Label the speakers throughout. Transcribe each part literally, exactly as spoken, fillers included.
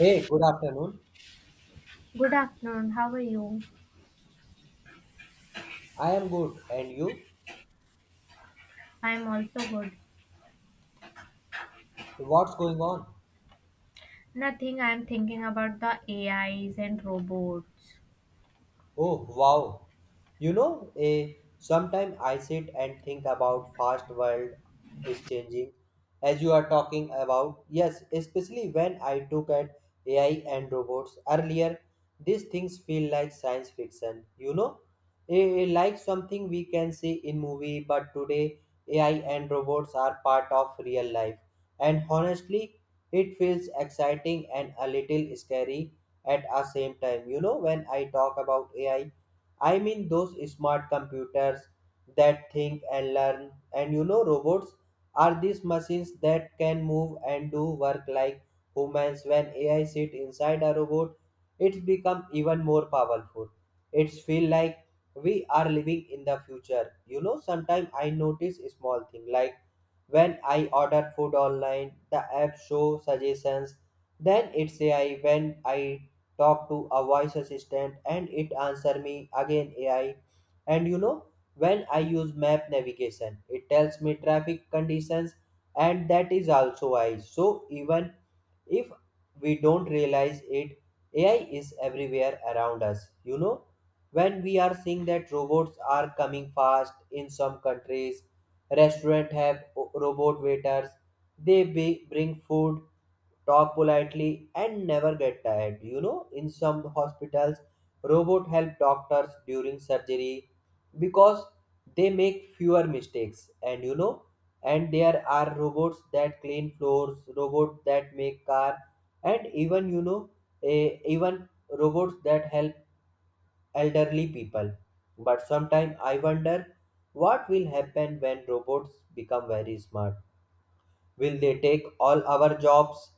Speaker 1: Hey, good afternoon.
Speaker 2: Good afternoon. How are you?
Speaker 1: I am good. And you?
Speaker 2: I'm also good.
Speaker 1: What's going on?
Speaker 2: Nothing. I'm thinking about the A Is and robots.
Speaker 1: Oh wow. You know, eh, sometimes I sit and think about fast world is changing as you are talking about. Yes, especially when I took at A I and robots earlier, these things feel like science fiction, you know? Eh, like something we can see in movie, but today A I and robots are part of real life. And honestly, it feels exciting and a little scary at a same time. You know when I talk about AI, I mean those smart computers that think and learn. And you know robots are these machines that can move and do work like humans. When AI sit inside a robot, it's become even more powerful. It's feel like we are living in the future. You know sometimes I notice a small thing, like when I order food online, the app show suggestions, then it's AI. When I talk to a voice assistant and it answer me, again A I. And you know, when I use map navigation, it tells me traffic conditions, and that is also A I. So even if we don't realize it, A I is everywhere around us. You know, when we are seeing that robots are coming fast in some countries, restaurant have o- robot waiters, they be, bring food, talk politely, and never get tired. You know, in some hospitals, robot help doctors during surgery because they make fewer mistakes. And you know and there are robots that clean floors, robots that make car, and even you know a, even robots that help elderly people. But sometimes I wonder what will happen when robots become very smart. Will they take all our jobs?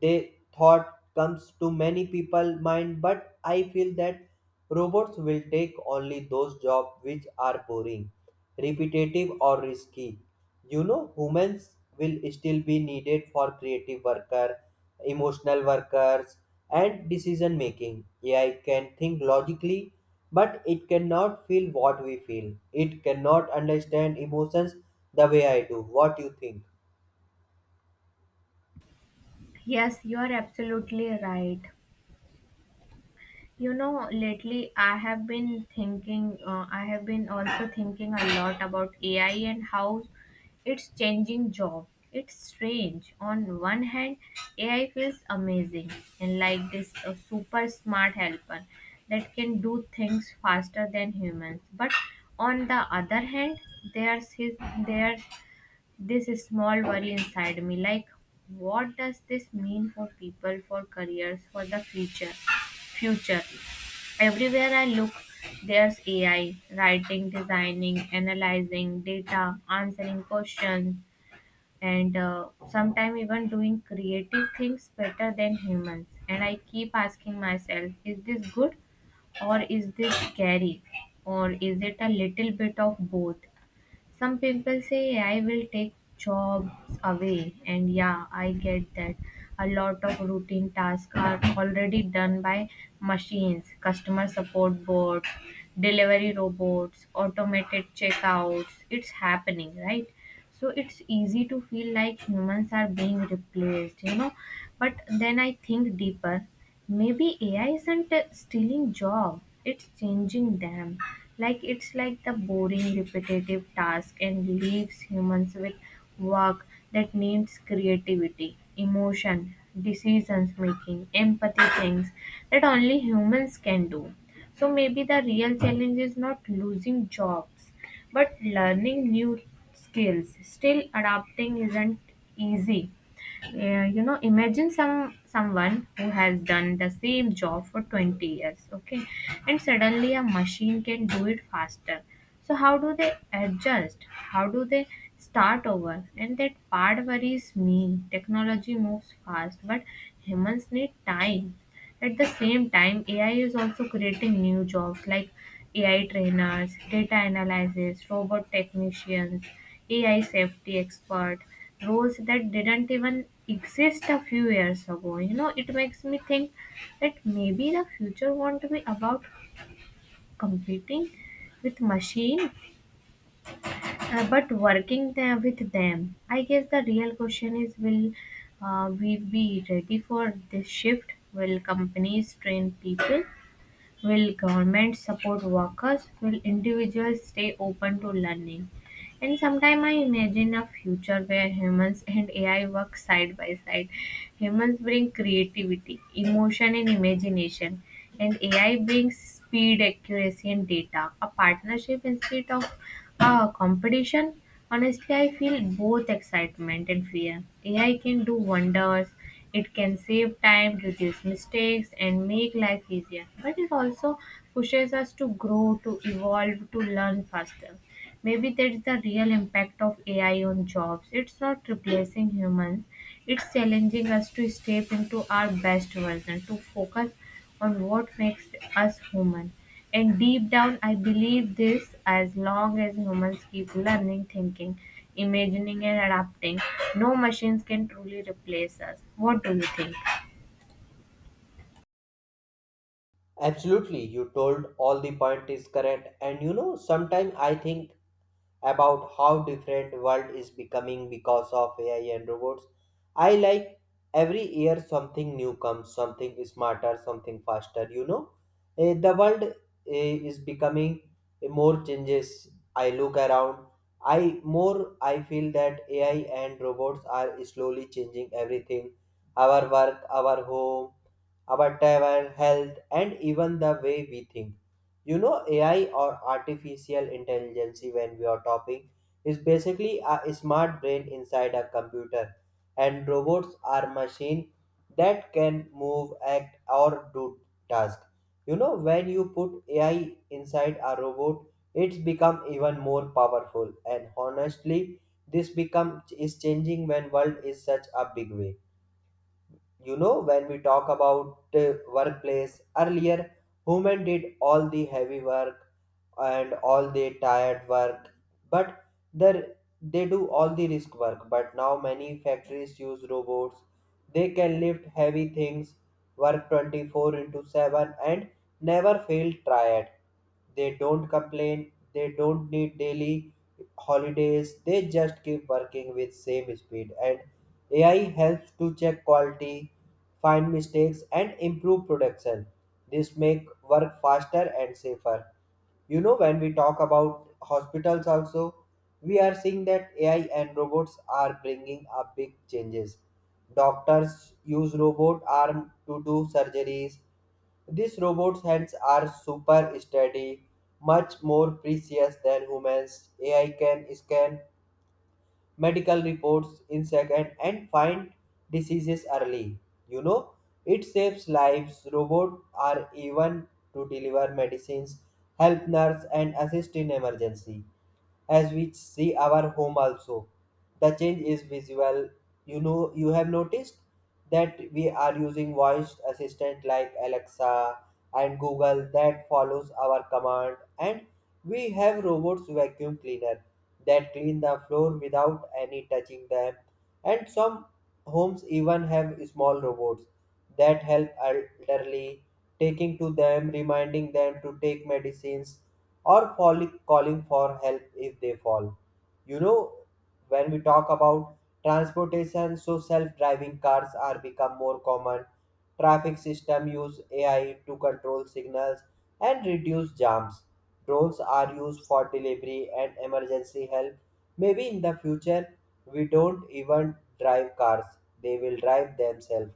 Speaker 1: They thought comes to many people mind, but I feel that robots will take only those jobs which are boring, repetitive or risky. You know, humans will still be needed for creative worker, emotional workers and decision making. A I can think logically, but it cannot feel what we feel. It cannot understand emotions the way I do. What you think?
Speaker 2: Yes, you are absolutely right. You know, lately I have been thinking, uh, I have been also thinking a lot about A I and how it's changing job. It's strange. On one hand, A I feels amazing and like this uh, super smart helper that can do things faster than humans. But on the other hand, there's his there's this small worry inside me. Like, what does this mean for people, for careers, for the future future Everywhere I look, there's AI writing, designing, analyzing data, answering questions, and uh, sometimes even doing creative things better than humans. And I keep asking myself, is this good, or is this scary, or is it a little bit of both? Some people say I will take jobs away, and yeah, I get that. A lot of routine tasks are already done by machines, customer support bots, delivery robots, automated checkouts. It's happening, right? So it's easy to feel like humans are being replaced, you know. But then I think deeper. Maybe A I isn't uh, stealing job, it's changing them. Like, it's like the boring repetitive task and leaves humans with work that needs creativity, emotion, decisions making, empathy, things that only humans can do. So maybe the real challenge is not losing jobs, but learning new skills. Still, adapting isn't easy. Yeah, you know, imagine some someone who has done the same job for twenty years, okay, and suddenly a machine can do it faster. So how do they adjust? How do they start over? And that part worries me. Technology moves fast, but humans need time. At the same time, A I is also creating new jobs like A I trainers, data analysts, robot technicians, A I safety expert, roles that didn't even exist a few years ago. You know, it makes me think that maybe the future won't be about competing with machine, uh, but working there with them. I guess the real question is, will uh, we be ready for this shift? Will companies train people? Will government support workers? Will individuals stay open to learning? And sometimes I imagine a future where humans and A I work side by side. Humans bring creativity, emotion, and imagination, and A I brings speed, accuracy, and data. A partnership instead of, ah, competition. Honestly, I feel both excitement and fear. A I can do wonders. It can save time, reduce mistakes, and make life easier. But it also pushes us to grow, to evolve, to learn faster. Maybe that's the real impact of A I on jobs. It's not replacing humans, it's challenging us to step into our best version, to focus on what makes us human. And deep down, I believe this: as long as humans keep learning, thinking, imagining, and adapting, no machines can truly replace us. What do you think?
Speaker 1: Absolutely, you told all the point is correct. And you know, sometimes I think about how different world is becoming because of A I and robots. I like every year something new comes, something smarter, something faster. You know, Eh, the world eh, is becoming eh, more changes. I look around. I more I feel that A I and robots are slowly changing everything: our work, our home, our travel, health, and even the way we think. you know AI, or artificial intelligence, when we are talking, is basically a smart brain inside a computer. And robots are machine that can move, act, or do task. You know when you put AI inside a robot, it's become even more powerful. And honestly, this become is changing when world is such a big way. You know when we talk about uh, workplace, earlier women did all the heavy work and all the tired work, but the they do all the risk work. But now many factories use robots. They can lift heavy things, work twenty-four into seven, and never feel tired. They don't complain, they don't need daily holidays, they just keep working with same speed. And A I helps to check quality, find mistakes, and improve production. This make work faster and safer. You know, when we talk about hospitals also, we are seeing that A I and robots are bringing up big changes. Doctors use robot arm to do surgeries. These robots' hands are super steady, much more precious than humans. A I can scan medical reports, insect and, and find diseases early. You know, it saves lives. Robots are even to deliver medicines, help nurse, and assist in emergency, as we see our home also. The change is visual. You know, you have noticed that we are using voice assistant like Alexa and Google that follows our command. And we have robots vacuum cleaner that clean the floor without any touching them. And some homes even have small robots that help elderly, taking to them, reminding them to take medicines, or calling calling for help if they fall. You know, when we talk about transportation, so self-driving cars are become more common. Traffic system use A I to control signals and reduce jams. Drones are used for delivery and emergency help. Maybe in the future we don't even drive cars, they will drive themselves.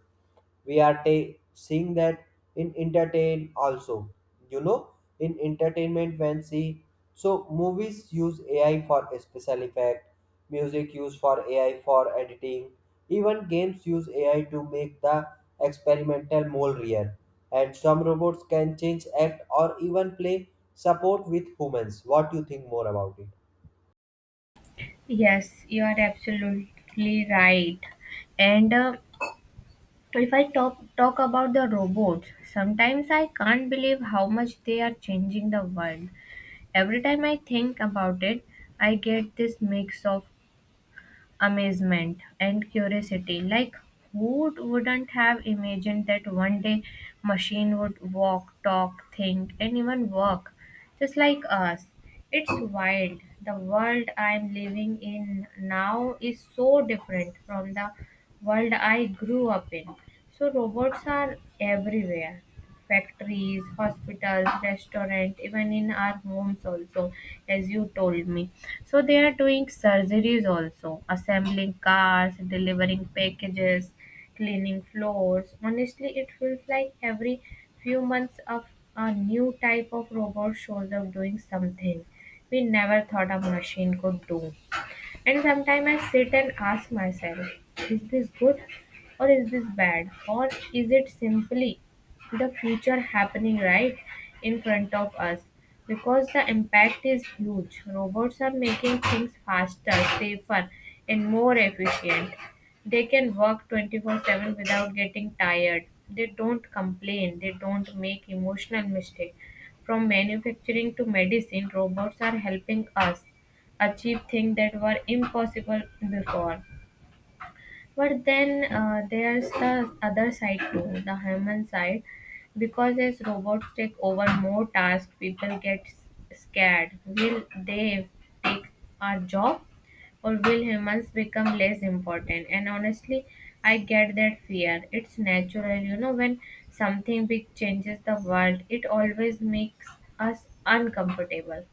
Speaker 1: We are ta- seeing that in entertain also. you know in entertainment, when see, so movies use AI for special effect, music use for AI for editing, even games use AI to make the experimental more real. And some robots can change act or even play support with humans. What do you think more about it?
Speaker 2: Yes, you are absolutely right. And uh, if I talk talk about the robots, sometimes I can't believe how much they are changing the world. Every time I think about it, I get this mix of amazement and curiosity. Like, who wouldn't have imagined that one day machine would walk, talk, think, and even work, just like us? It's wild. The world I'm living in now is so different from the world I grew up in. So robots are everywhere: factories, hospitals, restaurants, even in our homes also, as you told me. So they are doing surgeries also, assembling cars, delivering packages, cleaning floors. Honestly, it feels like every few months of a new type of robot shows up doing something we never thought a machine could do. And sometimes I sit and ask myself, is this good, or is this bad? Or is it simply the future happening right in front of us? Because the impact is huge. Robots are making things faster, safer, and more efficient. They can work twenty-four seven without getting tired. They don't complain, they don't make emotional mistakes. From manufacturing to medicine, robots are helping us achieve things that were impossible before. But then, uh, there's the other side too, the human side, because as robots take over more tasks, people get s- scared. Will they take our job, or will humans become less important? And honestly, I get that fear. It's natural, you know, when something big changes the world, it always makes us uncomfortable.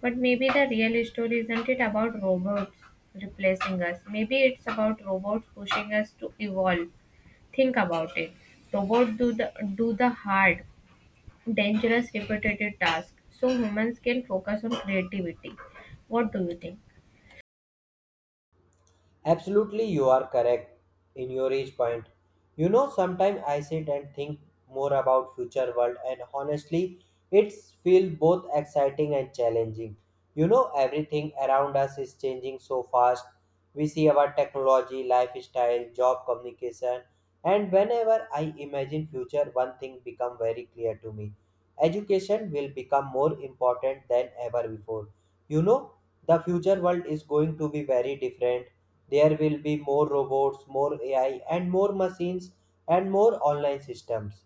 Speaker 2: But maybe the real story isn't it about robots replacing us. Maybe it's about robots pushing us to evolve. Think about it. Robots do the do the hard, dangerous, repetitive tasks, so humans can focus on creativity. What do you think?
Speaker 1: Absolutely, you are correct in your age point. You know, sometimes I sit and think more about future world, and honestly, it's feel both exciting and challenging. You know, everything around us is changing so fast. We see our technology, lifestyle, job, communication, and whenever I imagine future, one thing become very clear to me: education will become more important than ever before. You know, the future world is going to be very different. There will be more robots, more A I, and more machines, and more online systems.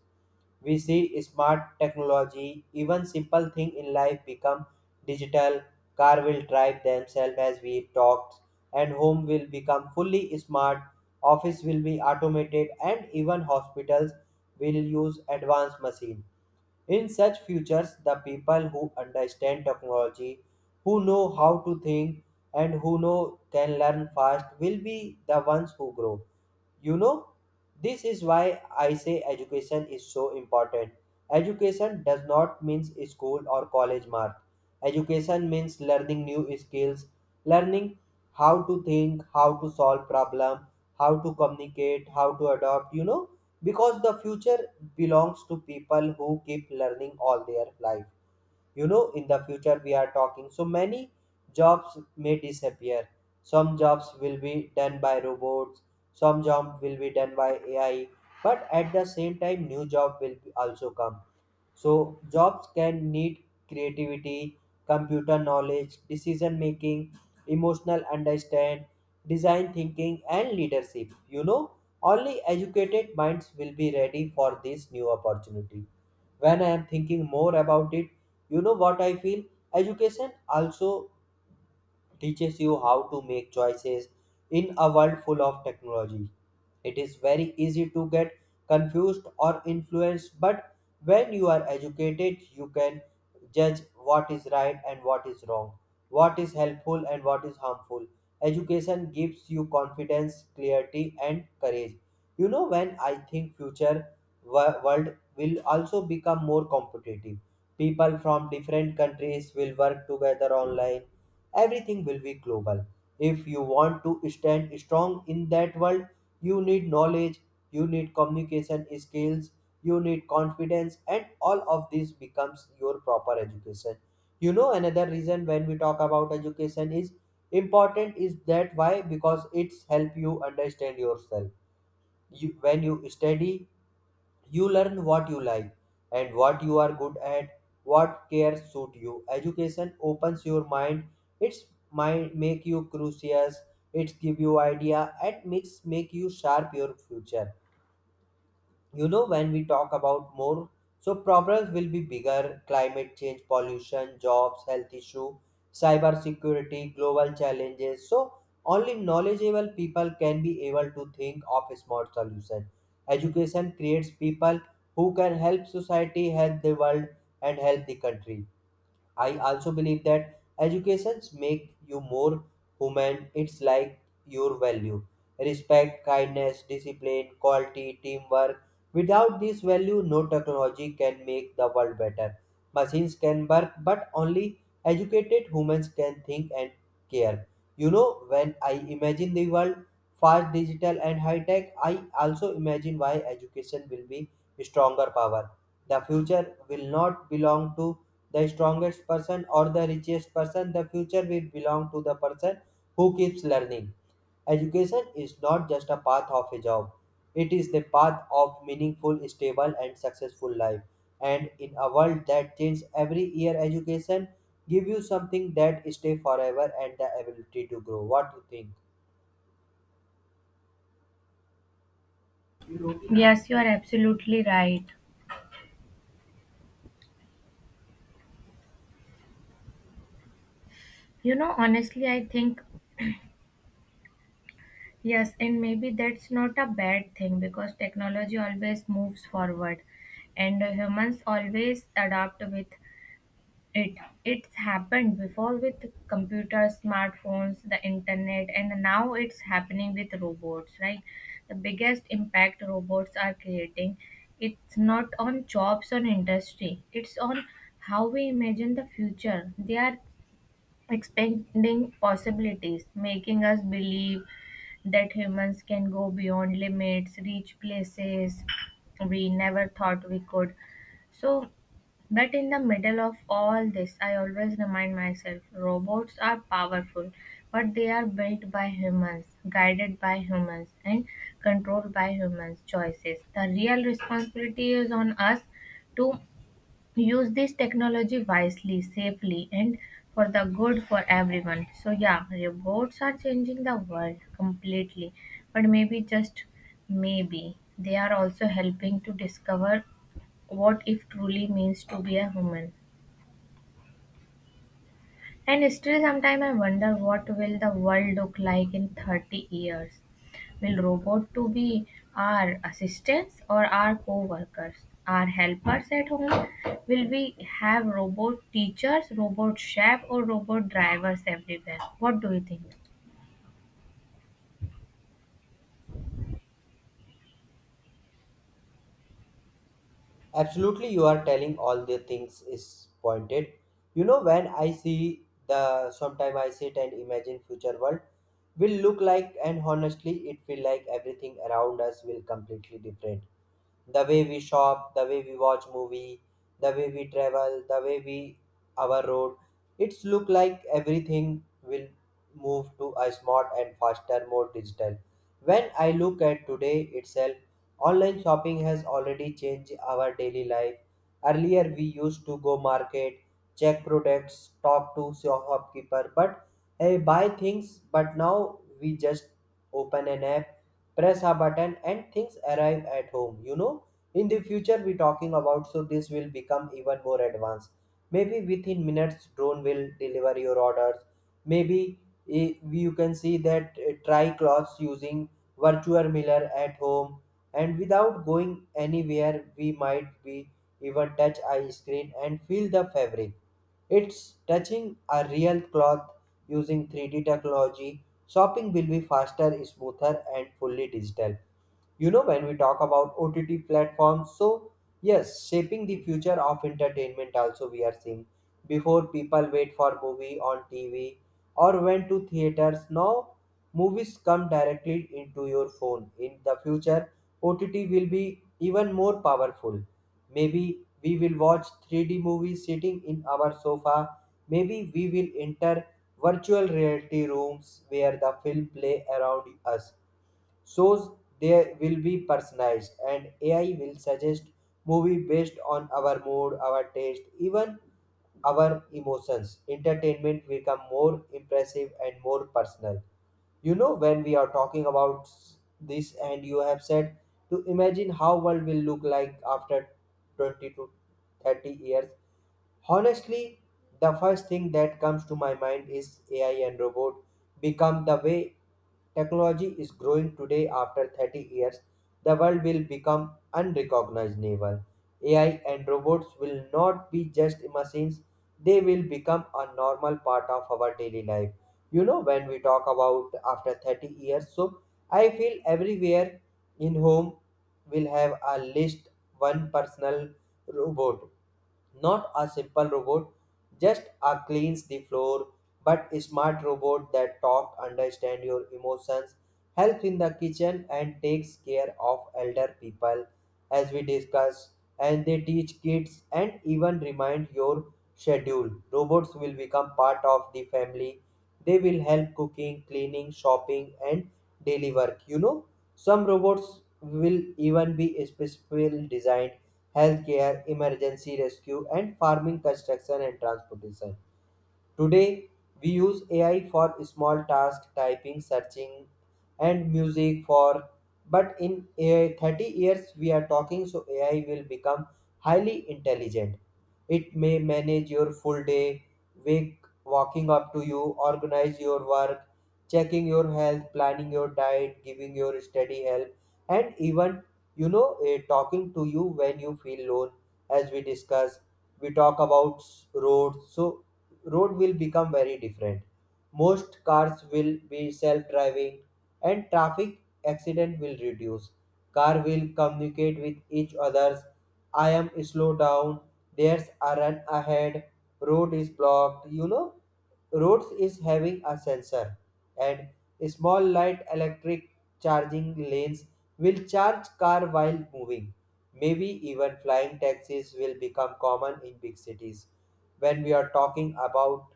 Speaker 1: We see smart technology, even simple thing in life become digital. Car will drive themselves as we talked, and home will become fully smart. Office will be automated, and even hospitals will use advanced machines. In such futures, the people who understand technology, who know how to think, and who know can learn fast will be the ones who grow. You know, this is why I say education is so important. Education does not means school or college mark. Education means learning new skills, learning how to think, how to solve problem, how to communicate, how to adopt, you know, because the future belongs to people who keep learning all their life. You know in the future we are talking, so many jobs may disappear. Some jobs will be done by robots, some job will be done by AI. But at the same time, new job will also come. So jobs can need creativity, computer knowledge, decision making, emotional understand, design thinking, and leadership. You know only educated minds will be ready for this new opportunity. When I am thinking more about it, you know what I feel? Education also teaches you how to make choices in a world full of technology. It is very easy to get confused or influenced, but when you are educated, you can judge what is right and what is wrong, what is helpful and what is harmful. Education gives you confidence, clarity, and courage. You know, when I think future, wo- world will also become more competitive. People from different countries will work together online. Everything will be global. If you want to stand strong in that world, you need knowledge, you need communication skills, you need confidence, and all of this becomes your proper education. You know, another reason when we talk about education is important is that why, because it's help you understand yourself. You, when you study, you learn what you like and what you are good at, what cares suit you. Education opens your mind. It's mind make you curious. It give you idea and makes make you sharp your future. You know when we talk about more, so problems will be bigger: climate change, pollution, jobs, health issue, cyber security, global challenges. So only knowledgeable people can be able to think of a smart solution. Education creates people who can help society, help the world, and help the country. I also believe that educations make you more human. It's like your value. Respect, kindness, discipline, quality, teamwork. Without this value, no technology can make the world better. Machines can work, but only educated humans can think and care. You know, when I imagine the world fast, digital, and high tech, I also imagine why education will be stronger power. The future will not belong to the strongest person or the richest person. The future will belong to the person who keeps learning. Education is not just a path of a job, it is the path of meaningful, stable, and successful life. And in a world that changes every year, education give you something that stay forever, and the ability to grow. What do you think?
Speaker 2: Yes, you are absolutely right. You know, honestly, I think yes, and maybe that's not a bad thing because technology always moves forward, and humans always adapt with It it's happened before with computers, smartphones, the internet, and now it's happening with robots, right? The biggest impact robots are creating, it's not on jobs or industry. It's on how we imagine the future. They are expanding possibilities, making us believe that humans can go beyond limits, reach places we never thought we could. So, but in the middle of all this, I always remind myself, robots are powerful, but they are built by humans, guided by humans, and controlled by humans' choices. The real responsibility is on us to use this technology wisely, safely, and for the good for everyone. So, yeah, robots are changing the world completely, but maybe, just maybe, they are also helping to discover what it truly means to be a human. And still, sometimes I wonder, what will the world look like in thirty years? Will robot to be our assistants or our co-workers, our helpers at home? Will we have robot teachers, robot chef, or robot drivers everywhere? What do you think?
Speaker 1: Absolutely, you are telling all the things is pointed. You know, when I see the sometime I sit and imagine future world will look like, and honestly, it feel like everything around us will completely different: the way we shop, the way we watch movie, the way we travel, the way we our road. It's look like everything will move to a smart and faster, more digital. When I look at today itself, online shopping has already changed our daily life. Earlier we used to go market, check products, talk to shopkeeper, but hey, buy things. But now we just open an app, press a button, and things arrive at home you know In the future we talking about, so this will become even more advanced. Maybe within minutes drone will deliver your orders. Maybe eh, you can see that, eh, try clothes using virtual mirror at home, and without going anywhere we might be even touch eye screen and feel the fabric it's touching a real cloth using three D technology. Shopping will be faster, smoother, and fully digital. You know, when we talk about ott platforms, so yes, shaping the future of entertainment also we are seeing. Before, people wait for movie on tv or went to theaters. Now movies come directly into your phone. In the future ott will be even more powerful. Maybe we will watch three D movies sitting in our sofa. Maybe we will enter virtual reality rooms where the film play around us. Shows, they will be personalized and ai will suggest movie based on our mood, our taste, even our emotions. Entertainment become more impressive and more personal. You know, when we are talking about this and you have said to imagine how world will look like after twenty to thirty years. Honestly, the first thing that comes to my mind is A I and robot become. The way technology is growing today, after thirty years the world will become unrecognizable. A I and robots will not be just machines, they will become a normal part of our daily life. You know, when we talk about after thirty years, so I feel everywhere in home will have a list one personal robot. Not a simple robot, just a cleans the floor, but a smart robot that talk, understand your emotions, help in the kitchen and takes care of elder people. As we discuss, and they teach kids and even remind your schedule. Robots will become part of the family. They will help cooking, cleaning, shopping and daily work, you know. Some robots will even be specifically designed healthcare, emergency rescue, and farming, construction, and transportation. Today, we use A I for small tasks, typing, searching, and music for, but in A I thirty years we are talking, so A I will become highly intelligent. It may manage your full day, wake walking up to you, organize your work, checking your health, planning your diet, giving your study help, and even you know eh, talking to you when you feel alone. As we discuss, we talk about s- roads, so road will become very different. Most cars will be self-driving and traffic accident will reduce. Car will communicate with each others. I am slow down. There's a run ahead. Road is blocked. You know, roads is having a sensor, and small light electric charging lanes will charge car while moving. Maybe even flying taxis will become common in big cities. When we are talking about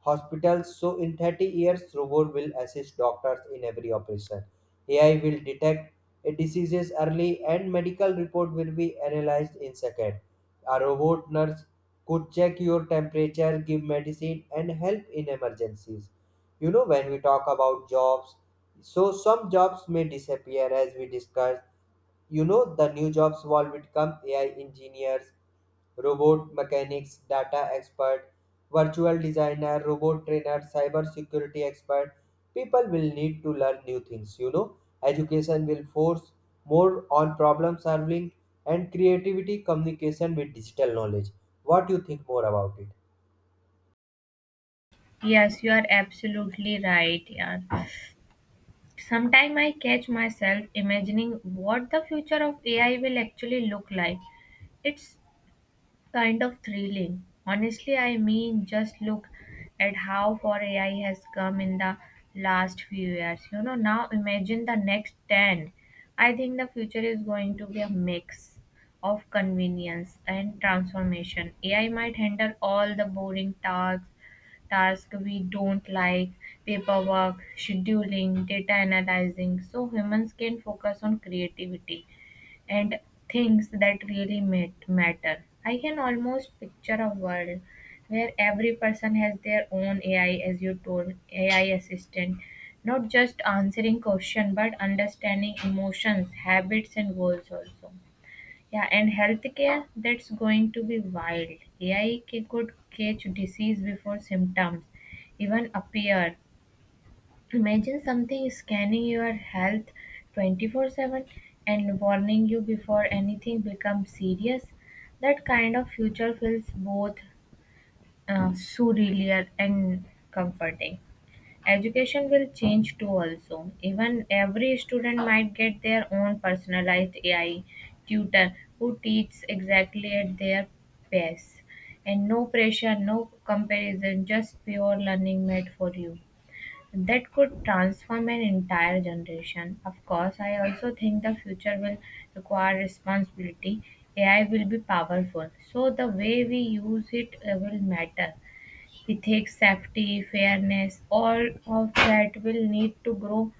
Speaker 1: hospitals, so in thirty years robot will assist doctors in every operation. A I will detect diseases early and medical report will be analyzed in second. A robot nurse could check your temperature, give medicine and help in emergencies. You know, when we talk about jobs, so some jobs may disappear, as we discussed. You know, the new jobs will become ai engineers, robot mechanics, data expert, virtual designer, robot trainer, cyber security expert. People will need to learn new things, you know. Education will force more on problem solving and creativity, communication with digital knowledge. What do you think more about it?
Speaker 2: Yes, you are absolutely right. Yeah. Sometimes I catch myself imagining what the future of A I will actually look like. It's kind of thrilling. Honestly, I mean, just look at how far A I has come in the last few years. You know, now imagine the next ten. I think the future is going to be a mix of convenience and transformation. A I might handle all the boring tasks, tasks we don't like, paperwork, scheduling, data analyzing, so humans can focus on creativity and things that really mat- matter. I can almost picture a world where every person has their own A I, as you told, A I assistant, not just answering questions but understanding emotions, habits, and goals also. Yeah, and healthcare, that's going to be wild. A I ca- could catch disease before symptoms even appear. Imagine something scanning your health twenty-four seven and warning you before anything becomes serious. That kind of future feels both uh, surreal and comforting. Education will change too, also. Even every student might get their own personalized A I tutor who teaches exactly at their pace. And no pressure, no comparison, just pure learning made for you that could transform an entire generation. Of course, I also think the future will require responsibility. A I will be powerful, so the way we use it uh, will matter. Ethics, safety, fairness, all of that will need to grow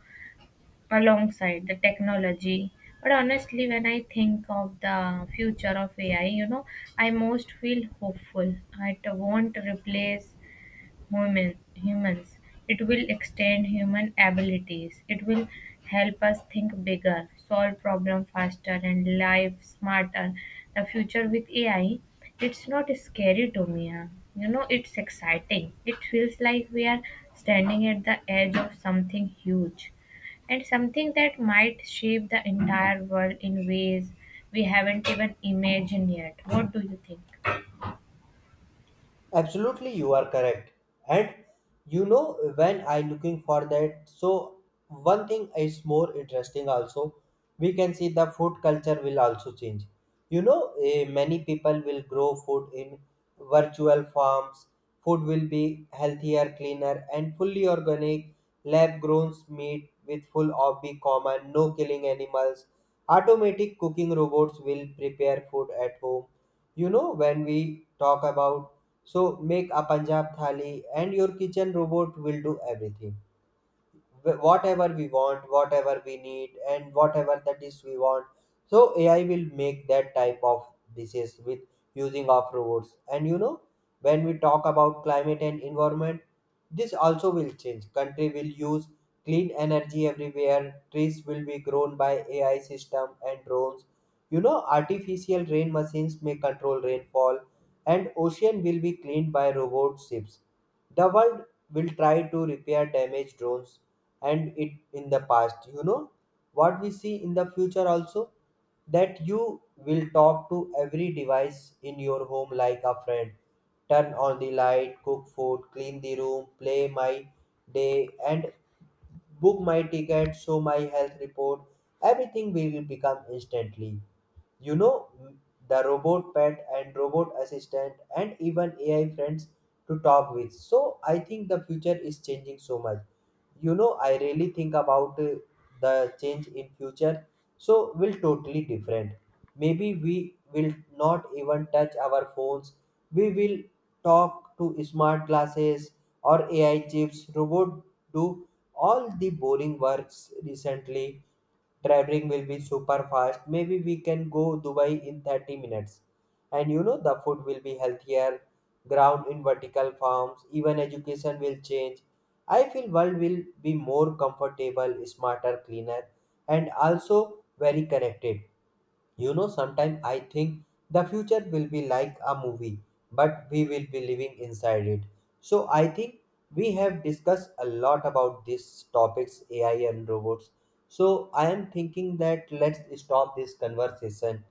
Speaker 2: alongside the technology. But honestly, when I think of the future of A I, you know, I most feel hopeful. It won't replace human, humans. It will extend human abilities. It will help us think bigger, solve problems faster, and live smarter. The future with A I, it's not scary to me. Huh? You know, it's exciting. It feels like we are standing at the edge of something huge, and something that might shape the entire world in ways we haven't even imagined yet. What do you think?
Speaker 1: Absolutely, you are correct. And you know, when I looking for that, so one thing is more interesting also. We can see the food culture will also change. You know, eh, many people will grow food in virtual farms. Food will be healthier, cleaner, and fully organic. Lab grown meat with full of be common, no killing animals. Automatic cooking robots will prepare food at home. You know, when we talk about, so make a Punjab thali and your kitchen robot will do everything, wh- whatever we want, whatever we need, and whatever the dish we want. So A I will make that type of dishes with using of robots. And you know, when we talk about climate and environment, this also will change. Country will use clean energy everywhere. Trees will be grown by A I system and drones. You know, artificial rain machines may control rainfall, and ocean will be cleaned by robot ships. The world will try to repair damaged drones and it in the past. You know what we see in the future also, that you will talk to every device in your home like a friend. Turn on the light, cook food, clean the room, play my day, and book my ticket, show my health report. Everything will become instantly. You know, the robot pet and robot assistant and even A I friends to talk with. So I think the future is changing so much. You know, I really think about uh, the change in future. So will totally different. Maybe we will not even touch our phones. We will talk to smart glasses or A I chips. Robot do all the boring works recently. Traveling will be super fast. Maybe we can go Dubai in thirty minutes. And you know, the food will be healthier, ground in vertical farms, even education will change. I feel world will be more comfortable, smarter, cleaner, and also very connected. You know, sometimes I think the future will be like a movie, but we will be living inside it. So I think we have discussed a lot about these topics, A I and robots. So I am thinking that let's stop this conversation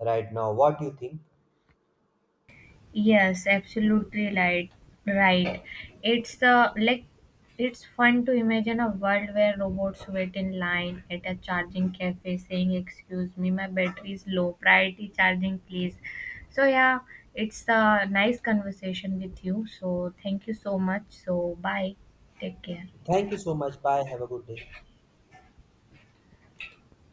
Speaker 1: right now. What do you think?
Speaker 2: Yes, absolutely right. Right. It's uh, like, it's fun to imagine a world where robots wait in line at a charging cafe saying, "Excuse me, my battery is low. Priority charging, please." So yeah, it's a nice conversation with you. So thank you so much. So bye. Take care.
Speaker 1: Thank you so much. Bye. Have a good day.